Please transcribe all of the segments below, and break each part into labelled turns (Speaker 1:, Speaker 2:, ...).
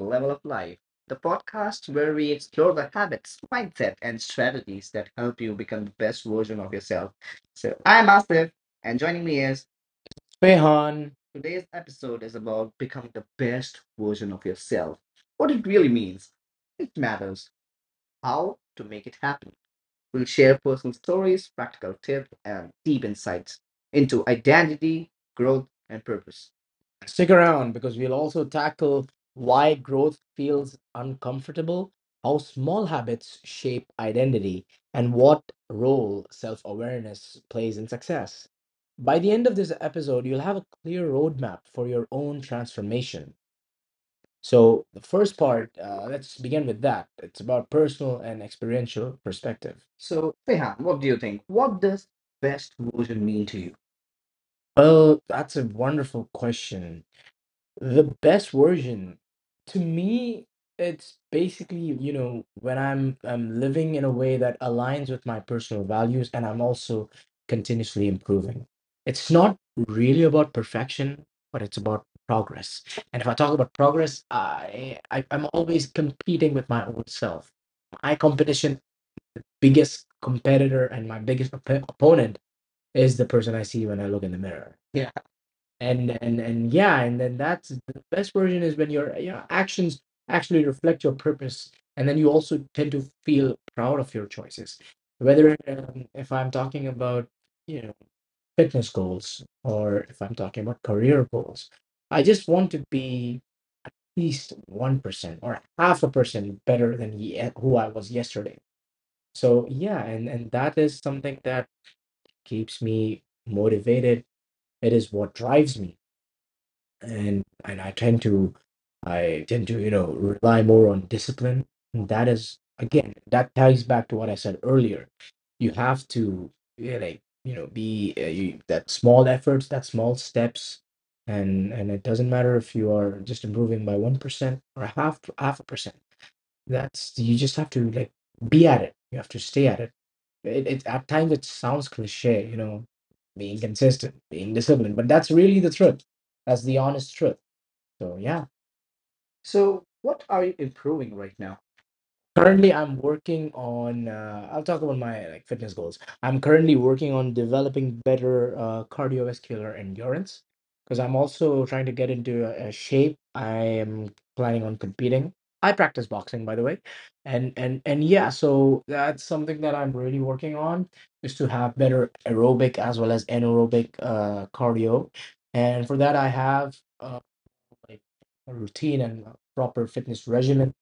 Speaker 1: Level Up Life, the podcast where we explore the habits, mindset, and strategies that help you become the best version of yourself. So, I'm Asif, and joining me is Rehan. Today's episode is about becoming the best version of yourself, what it really means, it matters, how to make it happen. We'll share personal stories, practical tips, and deep insights into identity, growth, and purpose. Stick around because we'll also tackle why growth feels uncomfortable, how small habits shape identity, and what role self awareness plays in success. By the end of this episode, you'll have a clear roadmap for your own transformation. So, the first part, let's begin with that. It's about personal and experiential perspective. So, Rehan, what do you think? What does best version mean to you? Well, that's a wonderful question. The best version, to me, it's basically, when I'm living in a way that aligns with my personal values, and I'm also continuously improving. It's not really about perfection, but it's about progress. And if I talk about progress, I'm always competing with my old self. My competition, biggest competitor, and my biggest op opponent is the person I see when I look in the mirror, and yeah. And then that's the best version, is when your actions actually reflect your purpose, and then you also tend to feel proud of your choices, whether if I'm talking about you know fitness goals, or if I'm talking about career goals. I just want to be at least 1% or half a percent better than who I was yesterday. So yeah, and that is something that keeps me motivated. It is what drives me, and I tend to rely more on discipline. And that is, again, that ties back to what I said earlier. You have to, yeah, like be, that small efforts, that small steps, and it doesn't matter if you are just improving by 1% or half a percent. That's, you just have to, like, be at it. You have to stay at it. It, at times it sounds cliche, you know, being consistent, being disciplined, but that's really the truth. That's the honest truth. So yeah. So, what are you improving right now? Currently I'm working on, I'll talk about my, like, fitness goals. I'm currently working on developing better cardiovascular endurance, because I'm also trying to get into a shape. I am planning on competing. I practice boxing, by the way, and yeah. So that's something that I'm really working on, is to have better aerobic as well as anaerobic cardio. And for that, I have, like, a routine and a proper fitness regimen.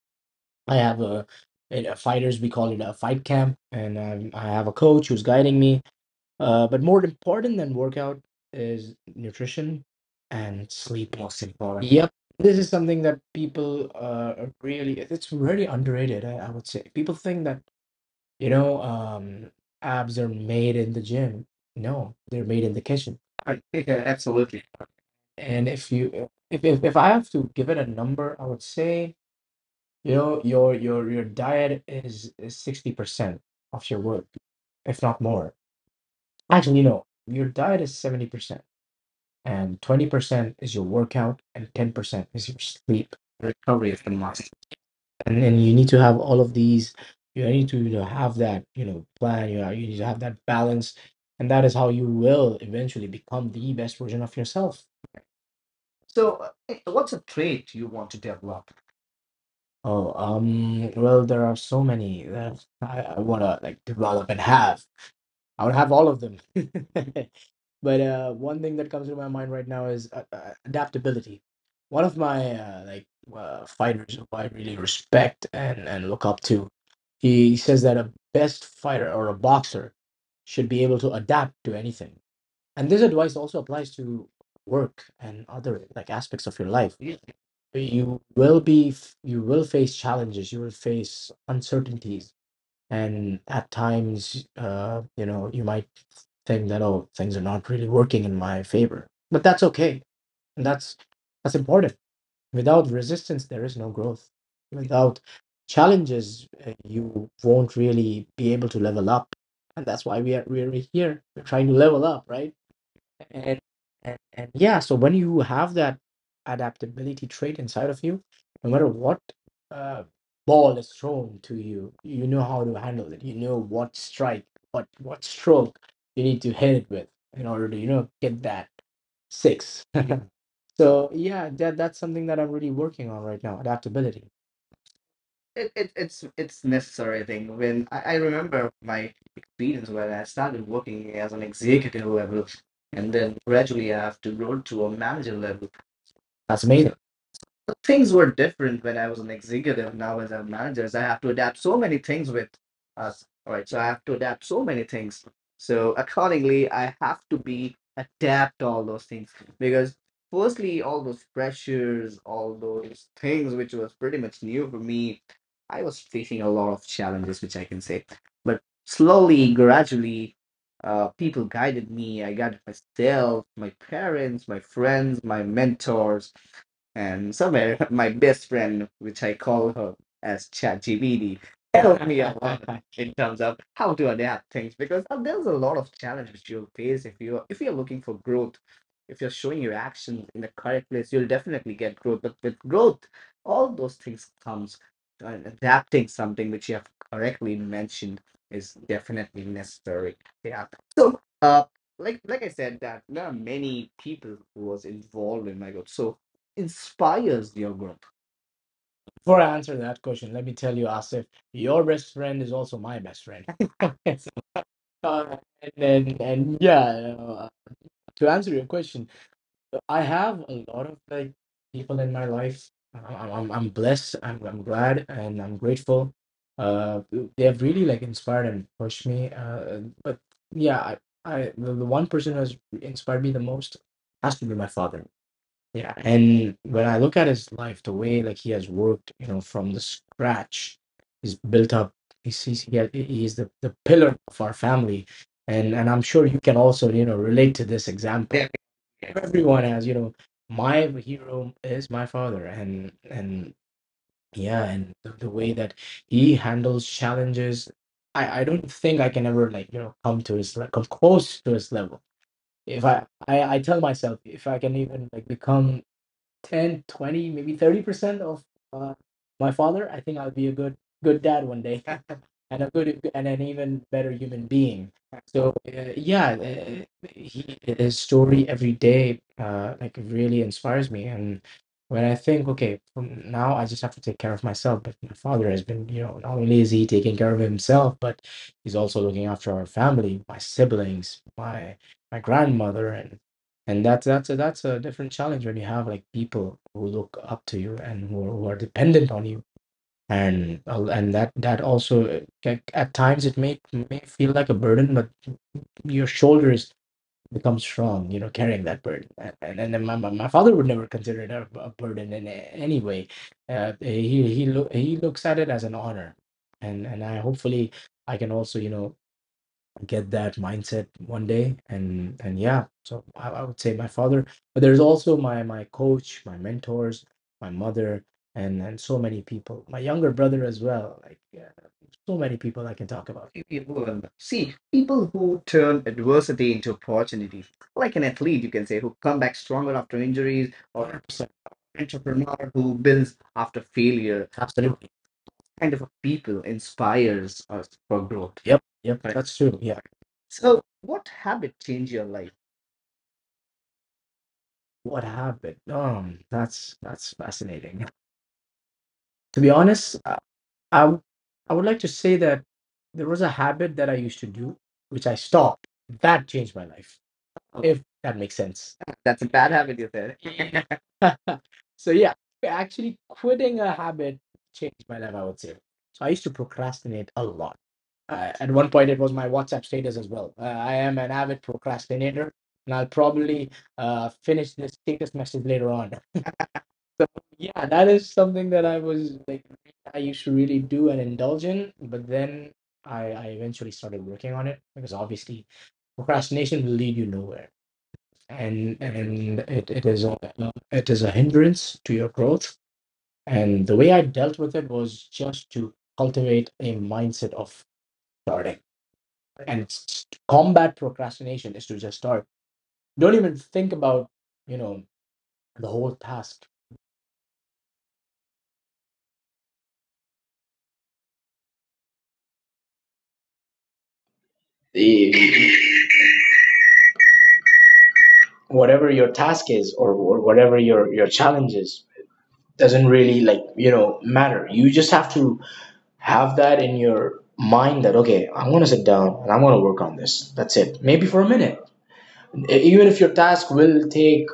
Speaker 1: I have a fighters, we call it a fight camp, and I have a coach who's guiding me. But more important than workout is nutrition and sleep. Most important. Yep, this is something that people, are really, it's really underrated, I would say. People think that, you know, um, abs are made in the gym. No, they're made in the kitchen. Yeah, absolutely. And if you, if I have to give it a number, I would say, you know, your diet is 60% of your work, if not more. Actually, no, your diet is 70%, and 20% is your workout, and 10% is your sleep. Recovery is the must, and then you need to have all of these. You need to, have that plan. You need to have that balance, and that is how you will eventually become the best version of yourself. So, what's a trait you want to develop? Oh, well, there are so many that I wanna, like, develop and have. I would have all of them. But one thing that comes to my mind right now is adaptability. One of my like, fighters who I really respect and look up to, he says that a best fighter or a boxer should be able to adapt to anything, and this advice also applies to work and other, like, aspects of your life. Yeah. You will face challenges, you will face uncertainties, and at times, you might think that, oh, things are not really working in my favor. But that's okay. And that's important. Without resistance, there is no growth. Without challenges, you won't really be able to level up. And that's why we're here. We're trying to level up, right? And, and yeah, so when you have that adaptability trait inside of you, no matter what uh, ball is thrown to you, you know how to handle it. You know what strike, what stroke you need to hit it with, in order to get that six. So yeah, that's something that I'm really working on right now, adaptability. It's necessary thing. When I remember my experience when I started working as an executive level, and then gradually I have to grow to a manager level. That's amazing. So things were different when I was an executive. Now as a manager, so I have to adapt so many things with us. All right, so I have to adapt so many things. So accordingly, I have to be adapt all those things, because firstly, all those pressures, all those things which was pretty much new for me, I was facing a lot of challenges, which I can say. But slowly, gradually, people guided me. I guided myself, my parents, my friends, my mentors, and somewhere my best friend, which I call her as ChatGPT, helped me a lot in terms of how to adapt things, because there's a lot of challenges you'll face if you're looking for growth. If you're showing your actions in the correct place, you'll definitely get growth. But with growth, all those things comes. And adapting something, which you have correctly mentioned, is definitely necessary. Yeah. So, like I said, that many people who was involved in my growth. So inspires your growth. Before I answer that question, let me tell you, Asif, your best friend is also my best friend. So, and yeah, uh, to answer your question, I have a lot of, like, people in my life. I'm blessed. I'm glad, and I'm grateful. Uh, they have really, like, inspired and pushed me. But yeah, the one person who has inspired me the most has to be my father. Yeah, and when I look at his life, the way, like, he has worked, you know, from the scratch, he's built up. He's the pillar of our family, and I'm sure you can also relate to this example. Yeah. Everyone has, my hero is my father. And yeah, and the way that he handles challenges, I don't think I can ever, like, come to his, like, come close to his level. If I tell myself, if I can even, like, become 10, 20, maybe 30% of uh, my father, I think I'll be a good dad one day and a good, and an even better human being. So yeah, his story every day, like, really inspires me. And when I think, okay, from now I just have to take care of myself, but my father has been, not only is he taking care of himself, but he's also looking after our family, my siblings, my grandmother. And that's a different challenge, when you have, like, people who look up to you, and who are dependent on you. And and that also, at times, it may feel like a burden, but your shoulders become strong, carrying that burden. And then my father would never consider it a burden in any way. He looks at it as an honor. And and i hopefully i can also get that mindset one day. And yeah, so I would say my father, but there's also my coach, my mentors, my mother, and so many people, my younger brother as well. Like, yeah, so many people. I can talk about people, see people who turn adversity into opportunity, like an athlete, you can say, who come back stronger after injuries, or 100 entrepreneur who builds after failure. Absolutely, kind of a people inspires us for growth. Yep, yep. Right. That's true. Yeah. So, what habit changed your life? What happened? That's fascinating. To be honest, I w- I would like to say that there was a habit that I used to do, which I stopped. That changed my life, if that makes sense. That's a bad habit, you said. So yeah, actually quitting a habit changed my life, I would say. So I used to procrastinate a lot. At one point, it was my WhatsApp status as well. I am an avid procrastinator, and I'll probably finish this status message later on. Yeah, that is something that I was, like, I used to really do and indulge in, but then I eventually started working on it, because obviously procrastination will lead you nowhere, and it is a hindrance to your growth. And the way I dealt with it was just to cultivate a mindset of starting, and combat procrastination is to just start, don't even think about you know the whole task
Speaker 2: The Whatever your task is or whatever your challenge is doesn't really, like, matter. You just have to have that in your mind that, okay, I'm going to sit down and I'm going to work on this. That's it. Maybe for a minute. Even if your task will take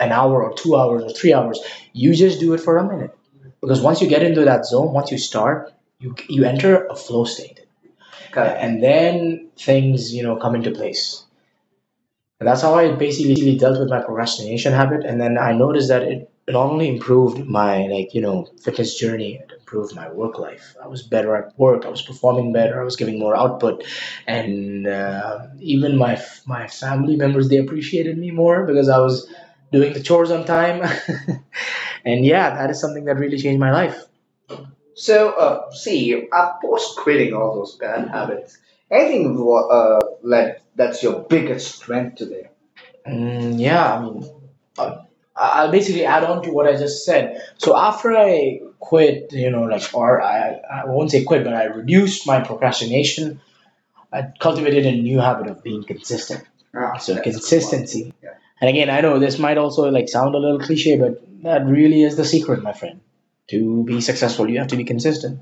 Speaker 2: an hour or 2 hours or 3 hours, you just do it for a minute, because once you get into that zone, once you start, you enter a flow state. Correct. And then things come into place. And that's how I basically dealt with my procrastination habit. And then I noticed that it only improved my, like, fitness journey. It improved my work life. I was better at work. I was performing better. I was giving more output. And even my family members, they appreciated me more because I was doing the chores on time. And yeah, that is something that really changed my life. So, see, after quitting all those bad habits. Anything like, that's your biggest strength today? Mm, yeah, I mean, uh, I'll basically add on to what I just said. So after I quit, like, or I won't say quit, but I reduced my procrastination. I cultivated a new habit of being consistent. Ah, so that's a good one. Consistency. Yeah. And again, I know this might also, like, sound a little cliche, but that really is the secret, my friend. To be successful, you have to be consistent.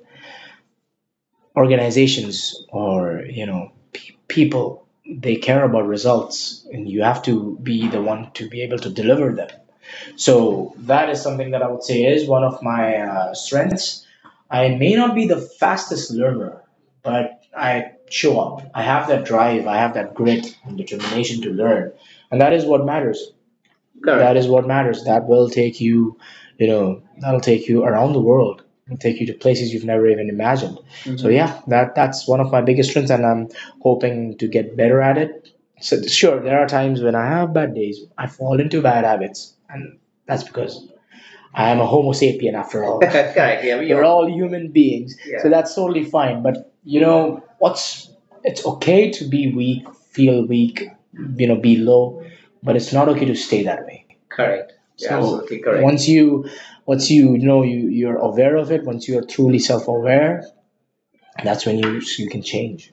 Speaker 2: Organizations or people, they care about results, and you have to be the one to be able to deliver them. So that is something that I would say is one of my strengths. I may not be the fastest learner, but I show up. I have that drive. I have that grit and determination to learn, and that is what matters. That Correct. That is what matters. That'll take you around the world. It'll take you to places you've never even imagined. Mm-hmm. So yeah, that's one of my biggest strengths, and I'm hoping to get better at it. So sure, there are times when I have bad days. I fall into bad habits, and that's because I am a Homo sapien after all. Correct. Yeah, we're are all human beings, yeah, so that's totally fine. But you know what's it's okay to be weak, feel weak, be low, but it's not okay to stay that way. Correct. Yeah, so absolutely correct. Once you, you're aware of it. Once you are truly self-aware, that's when you can change.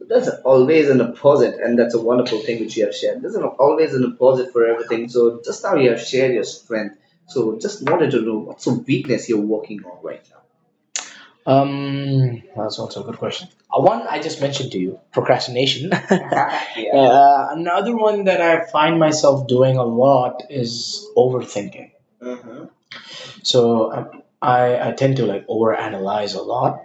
Speaker 2: That's always an opposite, and that's a wonderful thing which you have shared. There's always an opposite for everything. So just now you have shared your strength. So just wanted to know what's a weakness you're working on right now. That's also a good question. One I just mentioned to you, procrastination. Yeah. Another one that I find myself doing a lot is overthinking. Mhm. So I tend to, like, overanalyze a lot,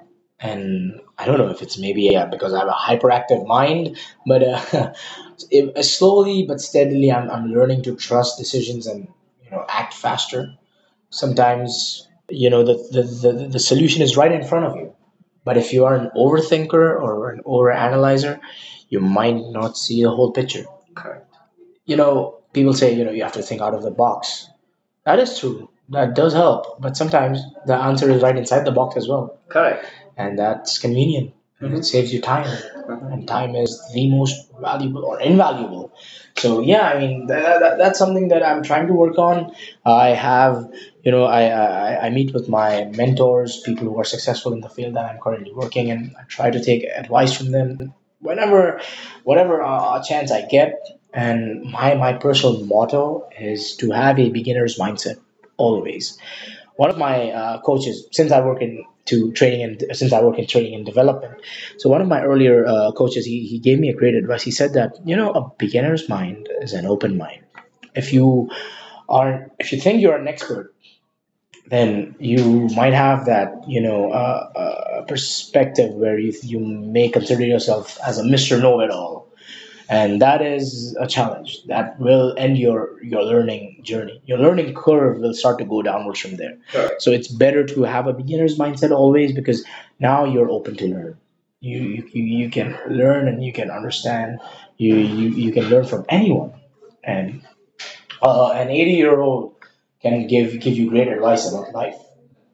Speaker 2: and I don't know if it's maybe because I have a hyperactive mind, but if, slowly but steadily, I'm learning to trust decisions and act faster. Sometimes you know the the the solution is right in front of you, but if you are an overthinker or an overanalyzer, you might not see the whole picture. People say you have to think out of the box. That is true. That does help. But sometimes the answer is right inside the box as well. Correct. And that's convenient. And, mhm, it saves you time. Mhm. And time is the most valuable or invaluable. So, yeah, I mean, that's something that I'm trying to work on. I have, you know, I, I, I meet with my mentors, people who are successful in the field that I'm currently working in. I try to take advice from them whenever, whatever chance I get. And my personal motto is to have a beginner's mindset always. One of my coaches, since I work in training and development, so one of my earlier coaches, he gave me a great advice. He said that a beginner's mind is an open mind. If you if you think you're an expert, then you might have that perspective where you may consider yourself as a Mister Know It All, and that is a challenge that will end your learning journey. Your learning curve will start to go downwards from there. Correct. So it's better to have a beginner's mindset always, because now you're open to learn. You can learn and you can understand. You can learn from anyone, and an 80-year-old can give you great advice about life,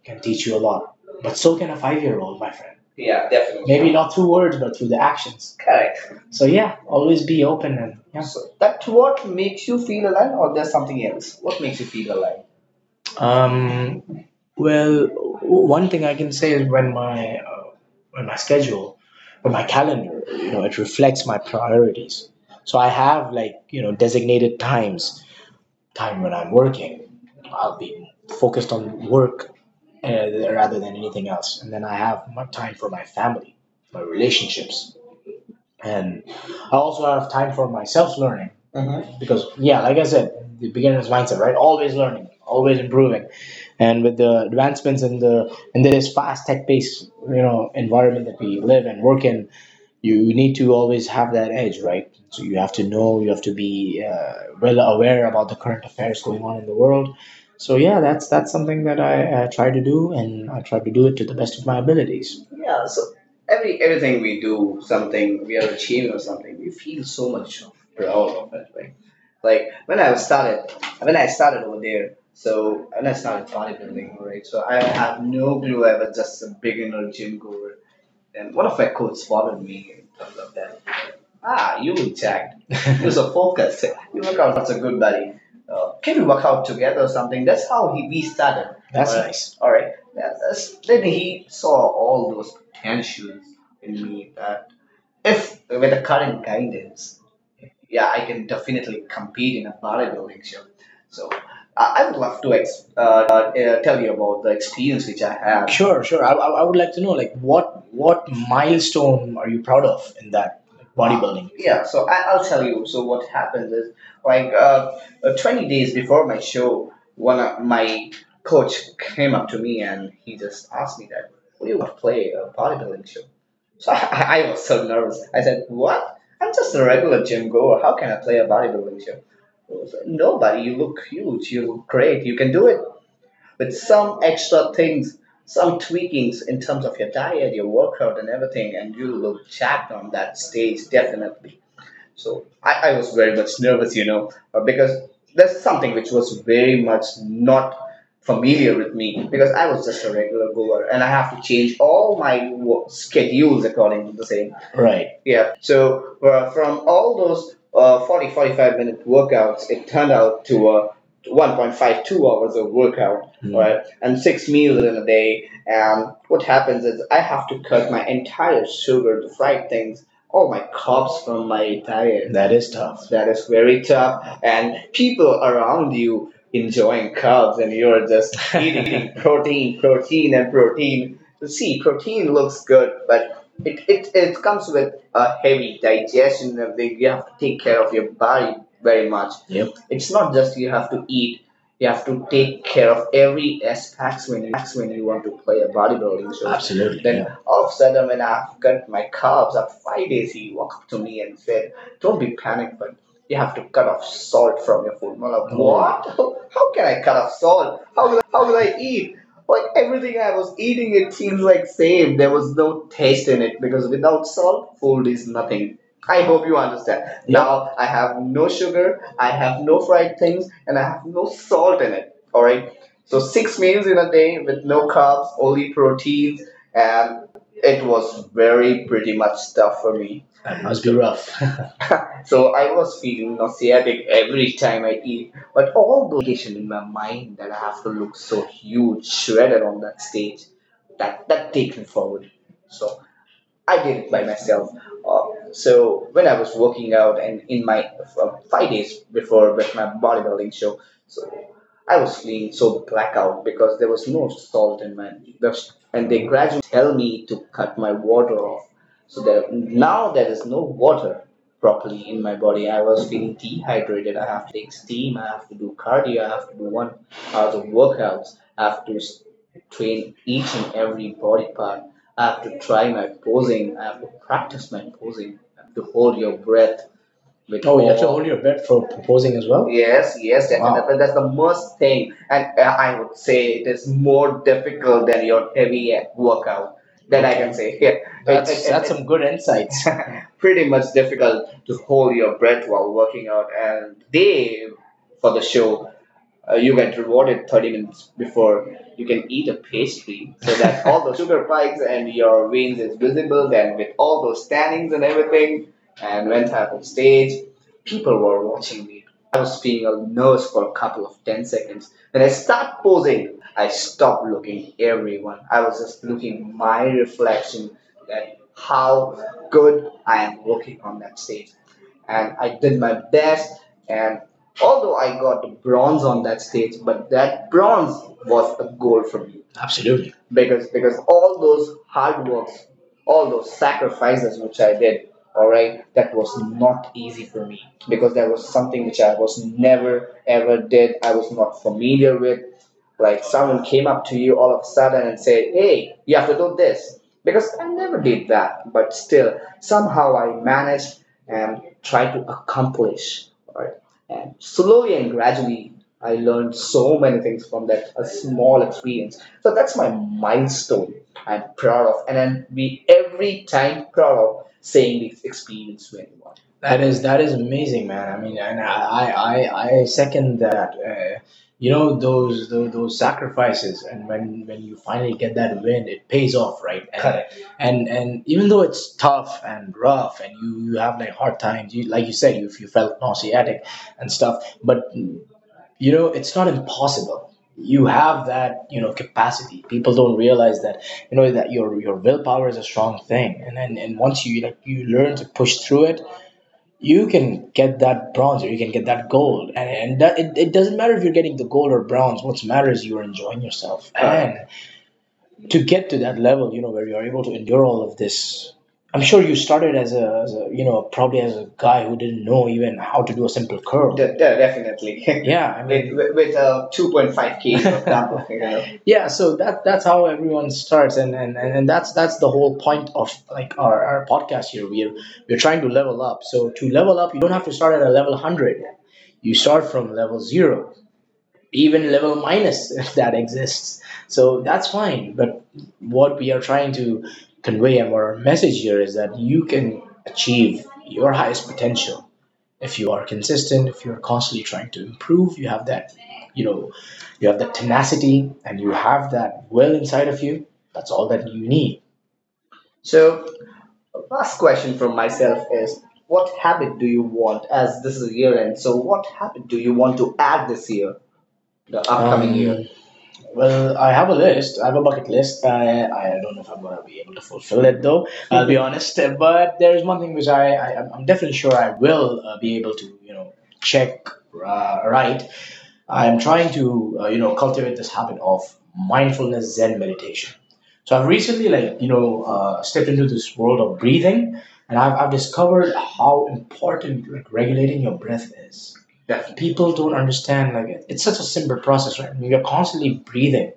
Speaker 2: can teach you a lot. But so can a 5-year old, my friend. Yeah, definitely. Maybe not through words, but through the actions. Correct. So yeah, always be open. And yeah. So that, what makes you feel alive, or there's something else? What makes you feel alive? Um, well, one thing I can say is when my schedule, when my calendar, it reflects my priorities. So I have, like, designated times. Time when I'm working, I'll be focused on work rather than anything else. And then I have my time for my family, my relationships, and I also have time for my self learning, mm-hmm, because yeah, like I said, the beginner's mindset, right? Always learning, always improving, and with the advancements in the in this fast tech based environment that we live and work in, you need to always have that edge, right? So you have to know, you have to be well aware about the current affairs going on in the world. So yeah, that's something that I try to do, and I try to do it to the best of my abilities. Yeah, so everything we do, something we are achieving or something, we feel so much proud of it, right? Like, when I started over there, so when I started bodybuilding, right? So I have no clue. I was just a beginner gym goer, and one of my quotes bothered me in terms of that. Ah, you intact. You're so focused. You work out so good, buddy. Can we work out together or something? That's how he we started. That's, alright, nice. All right. Yeah, then he saw all those potentials in me. If with the current guidance, yeah, I can definitely compete in a bodybuilding show. So I would love to tell you about the experience which I have. Sure, sure. I would like to know, like, what milestone are you proud of in that, like, bodybuilding? Yeah, so I'll tell you. So what happens is, like, 20 days before my show, one of my coach came up to me and he just asked me that, "What do you want to play a bodybuilding show?" So I was so nervous. I said, "What? I'm just a regular gym goer. How can I play a bodybuilding show?" He was like, "Nobody. You look huge. You look great. You can do it with some extra things, some tweakings in terms of your diet, your workout, and everything, and you look jacked on that stage, definitely." So I was very much nervous, because that's something which was very much not familiar with me because I was just a regular goer and I have to change all my schedules according to the same. Right. Yeah. So from all those 40, 45-minute workouts, it turned out to 1.5 hours of workout, hmm, right? And six meals in a day. And what happens is I have to cut my entire sugar, the fried things, all my carbs from my diet. That is tough. That is very tough. And people around you enjoying carbs and you're just eating protein, protein, and protein. See, protein looks good, but it comes with a heavy digestion. And then you have to take care of your body very much. Yep. It's not just you have to eat, you have to take care of every aspect when you want to play a bodybuilding show. Absolutely. Then all of a sudden, when I've cut my carbs, up 5 days, he walked up to me and said, "Don't be panicked, but you have to cut off salt from your food." And I'm like, "What? How can I cut off salt? How will I eat?" Like, everything I was eating, it seems like same. There was no taste in it because without salt, food is nothing. I hope you understand. Yeah. Now I have no sugar, I have no fried things, and I have no salt in it. All right. So six meals in a day with no carbs, only proteins, and it was very pretty much tough for me. That must be rough. So I was feeling nauseatic every time I eat. But all those dedication in my mind that I have to look so huge, shredded on that stage, that takes me forward. So I did it by myself. Uh, so when I was working out and in my 5 days before with my bodybuilding show, so I was feeling so blackout because there was no salt in my the, and they gradually tell me to cut my water off. So that now there is no water properly in my body. I was feeling dehydrated. I have to take steam. I have to do cardio. I have to do 1 hour of workouts. I have to train each and every body part. I have to try my posing. I have to practice my posing. I have to hold your breath. Oh, you have to hold your breath for proposing as well? Yes, yes, that can Wow. happen. That's the most thing, and I would say it is more difficult than your heavy workout. That I can Okay. say, yeah. It- that's some good insights. pretty much difficult to hold your breath while working out, and they for the show you get rewarded 30 minutes before you can eat a pastry so that all those sugar spikes and your veins is visible. Then, with all those tannings and everything, and went up on stage, people were watching me. I was being a nurse for a couple of 10 seconds. When I start posing, I stopped looking everyone. I was just looking my reflection at how good I am looking on that stage, and I did my best. And although I got the bronze on that stage, but that bronze was a goal for me. Absolutely. Because all those hard works, all those sacrifices which I did, all right, that was not easy for me, because that was something which I was never ever did. I was not familiar with, like someone came up to you all of a sudden and said, "Hey, you have to do this," because I never did that. But still somehow I managed and tried to accomplish, right, and slowly and gradually I learned so many things from that a small experience. So that's my milestone I'm proud of, and I'll be every time proud of saying this experience to anyone. That is amazing, man. I mean, and I second that. You know, those sacrifices, and when you finally get that win, it pays off, right? and Correct. And even though it's tough and rough and you have like hard times, you, like you said, you felt nauseatic and stuff, but you know, it's not impossible. You have that, you know, capacity. People don't realize that, you know, that your willpower is a strong thing. And then, and once you, like, you learn to push through it, you can get that bronze or you can get that gold. And that, it doesn't matter if you're getting the gold or bronze. What matters, you're enjoying yourself. Right. And to get to that level, you know, where you're able to endure all of this. I'm sure you started as a, as a, you know, probably as a guy who didn't know even how to do a simple curl. Definitely. Yeah, I mean, with a 2.5 kg, for example, you know. yeah, so that's how everyone starts. And that's the whole point of, like, our podcast here. We're trying to level up. So to level up, you don't have to start at a level 100. You start from level zero, even level minus. that exists. So that's fine. But what we are trying to convey and our message here is that you can achieve your highest potential if you are consistent, if you're constantly trying to improve, you have that, you know, you have that tenacity and you have that will inside of you. That's all that you need. So, last question from myself is, what habit do you want, as this is a year end? So, what habit do you want to add this year, the upcoming year? Well, I have a list. I have a bucket list. I don't know if I'm gonna be able to fulfill it though. I'll be honest. But there is one thing which I'm definitely sure I will be able to, you know, check. Right. I am trying to you know, cultivate this habit of mindfulness Zen meditation. So I've recently, like, you know, stepped into this world of breathing, and I've discovered how important, like, regulating your breath is. Definitely. People don't understand, like, it- it's such a simple process, right? You're constantly breathing.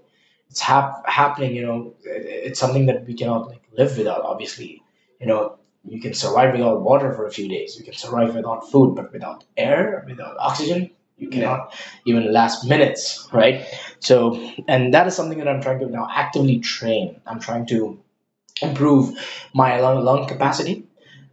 Speaker 2: It's happening, you know, it's something that we cannot, like, live without, obviously. You know, you can survive without water for a few days, you can survive without food, but without air, without oxygen, you Yeah. cannot even last minutes, right? So, and that is something that I'm trying to now actively train. I'm trying to improve my lung capacity,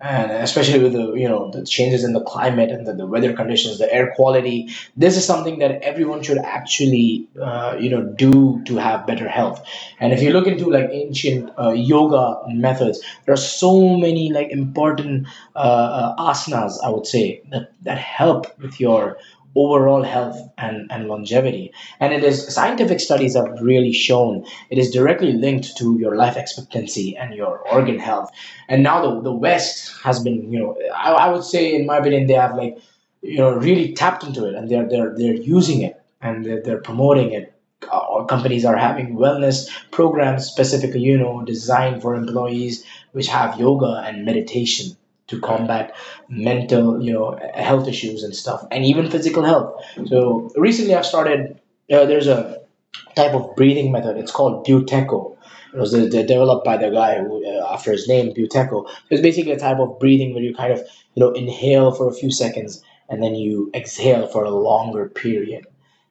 Speaker 2: and especially with the, you know, the changes in the climate and the weather conditions, the air quality, this is something that everyone should actually you know, do to have better health. And if you look into, like, ancient yoga methods, there are so many, like, important uh, asanas, I would say, that help with your overall health and longevity. And it is, scientific studies have really shown it is directly linked to your life expectancy and your organ health. And now the West has been, you know, I would say in my opinion, they have, like, you know, really tapped into it, and they're using it, and they're promoting it. All companies are having wellness programs specifically, you know, designed for employees, which have yoga and meditation to right combat mental, you know, health issues and stuff, and even physical health. So recently, I've started. There's a type of breathing method. It's called Buteco. It was developed by the guy who, after his name, Buteco. So it's basically a type of breathing where you kind of, you know, inhale for a few seconds and then you exhale for a longer period.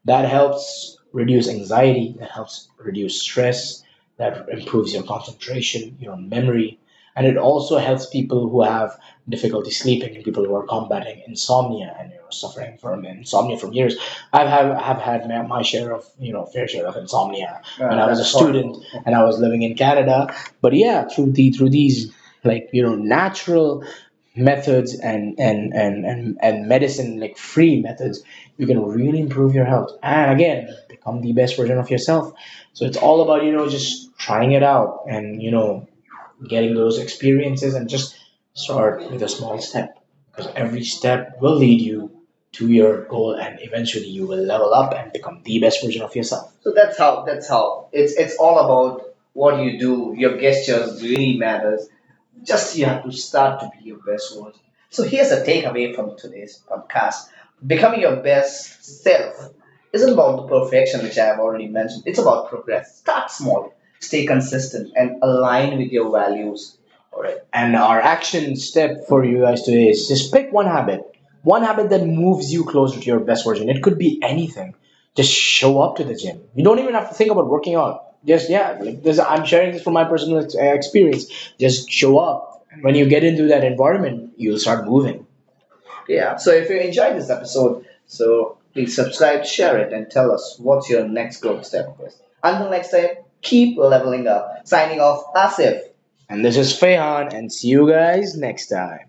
Speaker 2: That helps reduce anxiety. That helps reduce stress. That improves your concentration, your memory, and it also helps people who have difficulty sleeping, people who are combating insomnia and, you know, suffering from insomnia from years. I've have had my, share of, you know, fair share of insomnia. When I was a that's horrible. Student and I was living in Canada. But yeah, through the through these, like, you know, natural methods and and medicine like free methods, you can really improve your health and, again, become the best version of yourself. So it's all about, you know, just trying it out and, you know, getting those experiences and just start with a small step, because every step will lead you to your goal and eventually you will level up and become the best version of yourself. So that's how it's all about what you do. Your gestures really matters. Just you have to start to be your best version. So here's a takeaway from today's podcast. Becoming your best self isn't about the perfection, which I have already mentioned. It's about progress. Start small, stay consistent, and align with your values. All right. And our action step for you guys today is just pick one habit that moves you closer to your best version. It could be anything. Just show up to the gym. You don't even have to think about working out. Just, yeah, like this, I'm sharing this from my personal experience. Just show up. When you get into that environment, you'll start moving. Yeah. So if you enjoyed this episode, so please subscribe, share it, and tell us what's your next growth step. Until next time, keep leveling up. Signing off, Asif. And this is Fehan, and see you guys next time.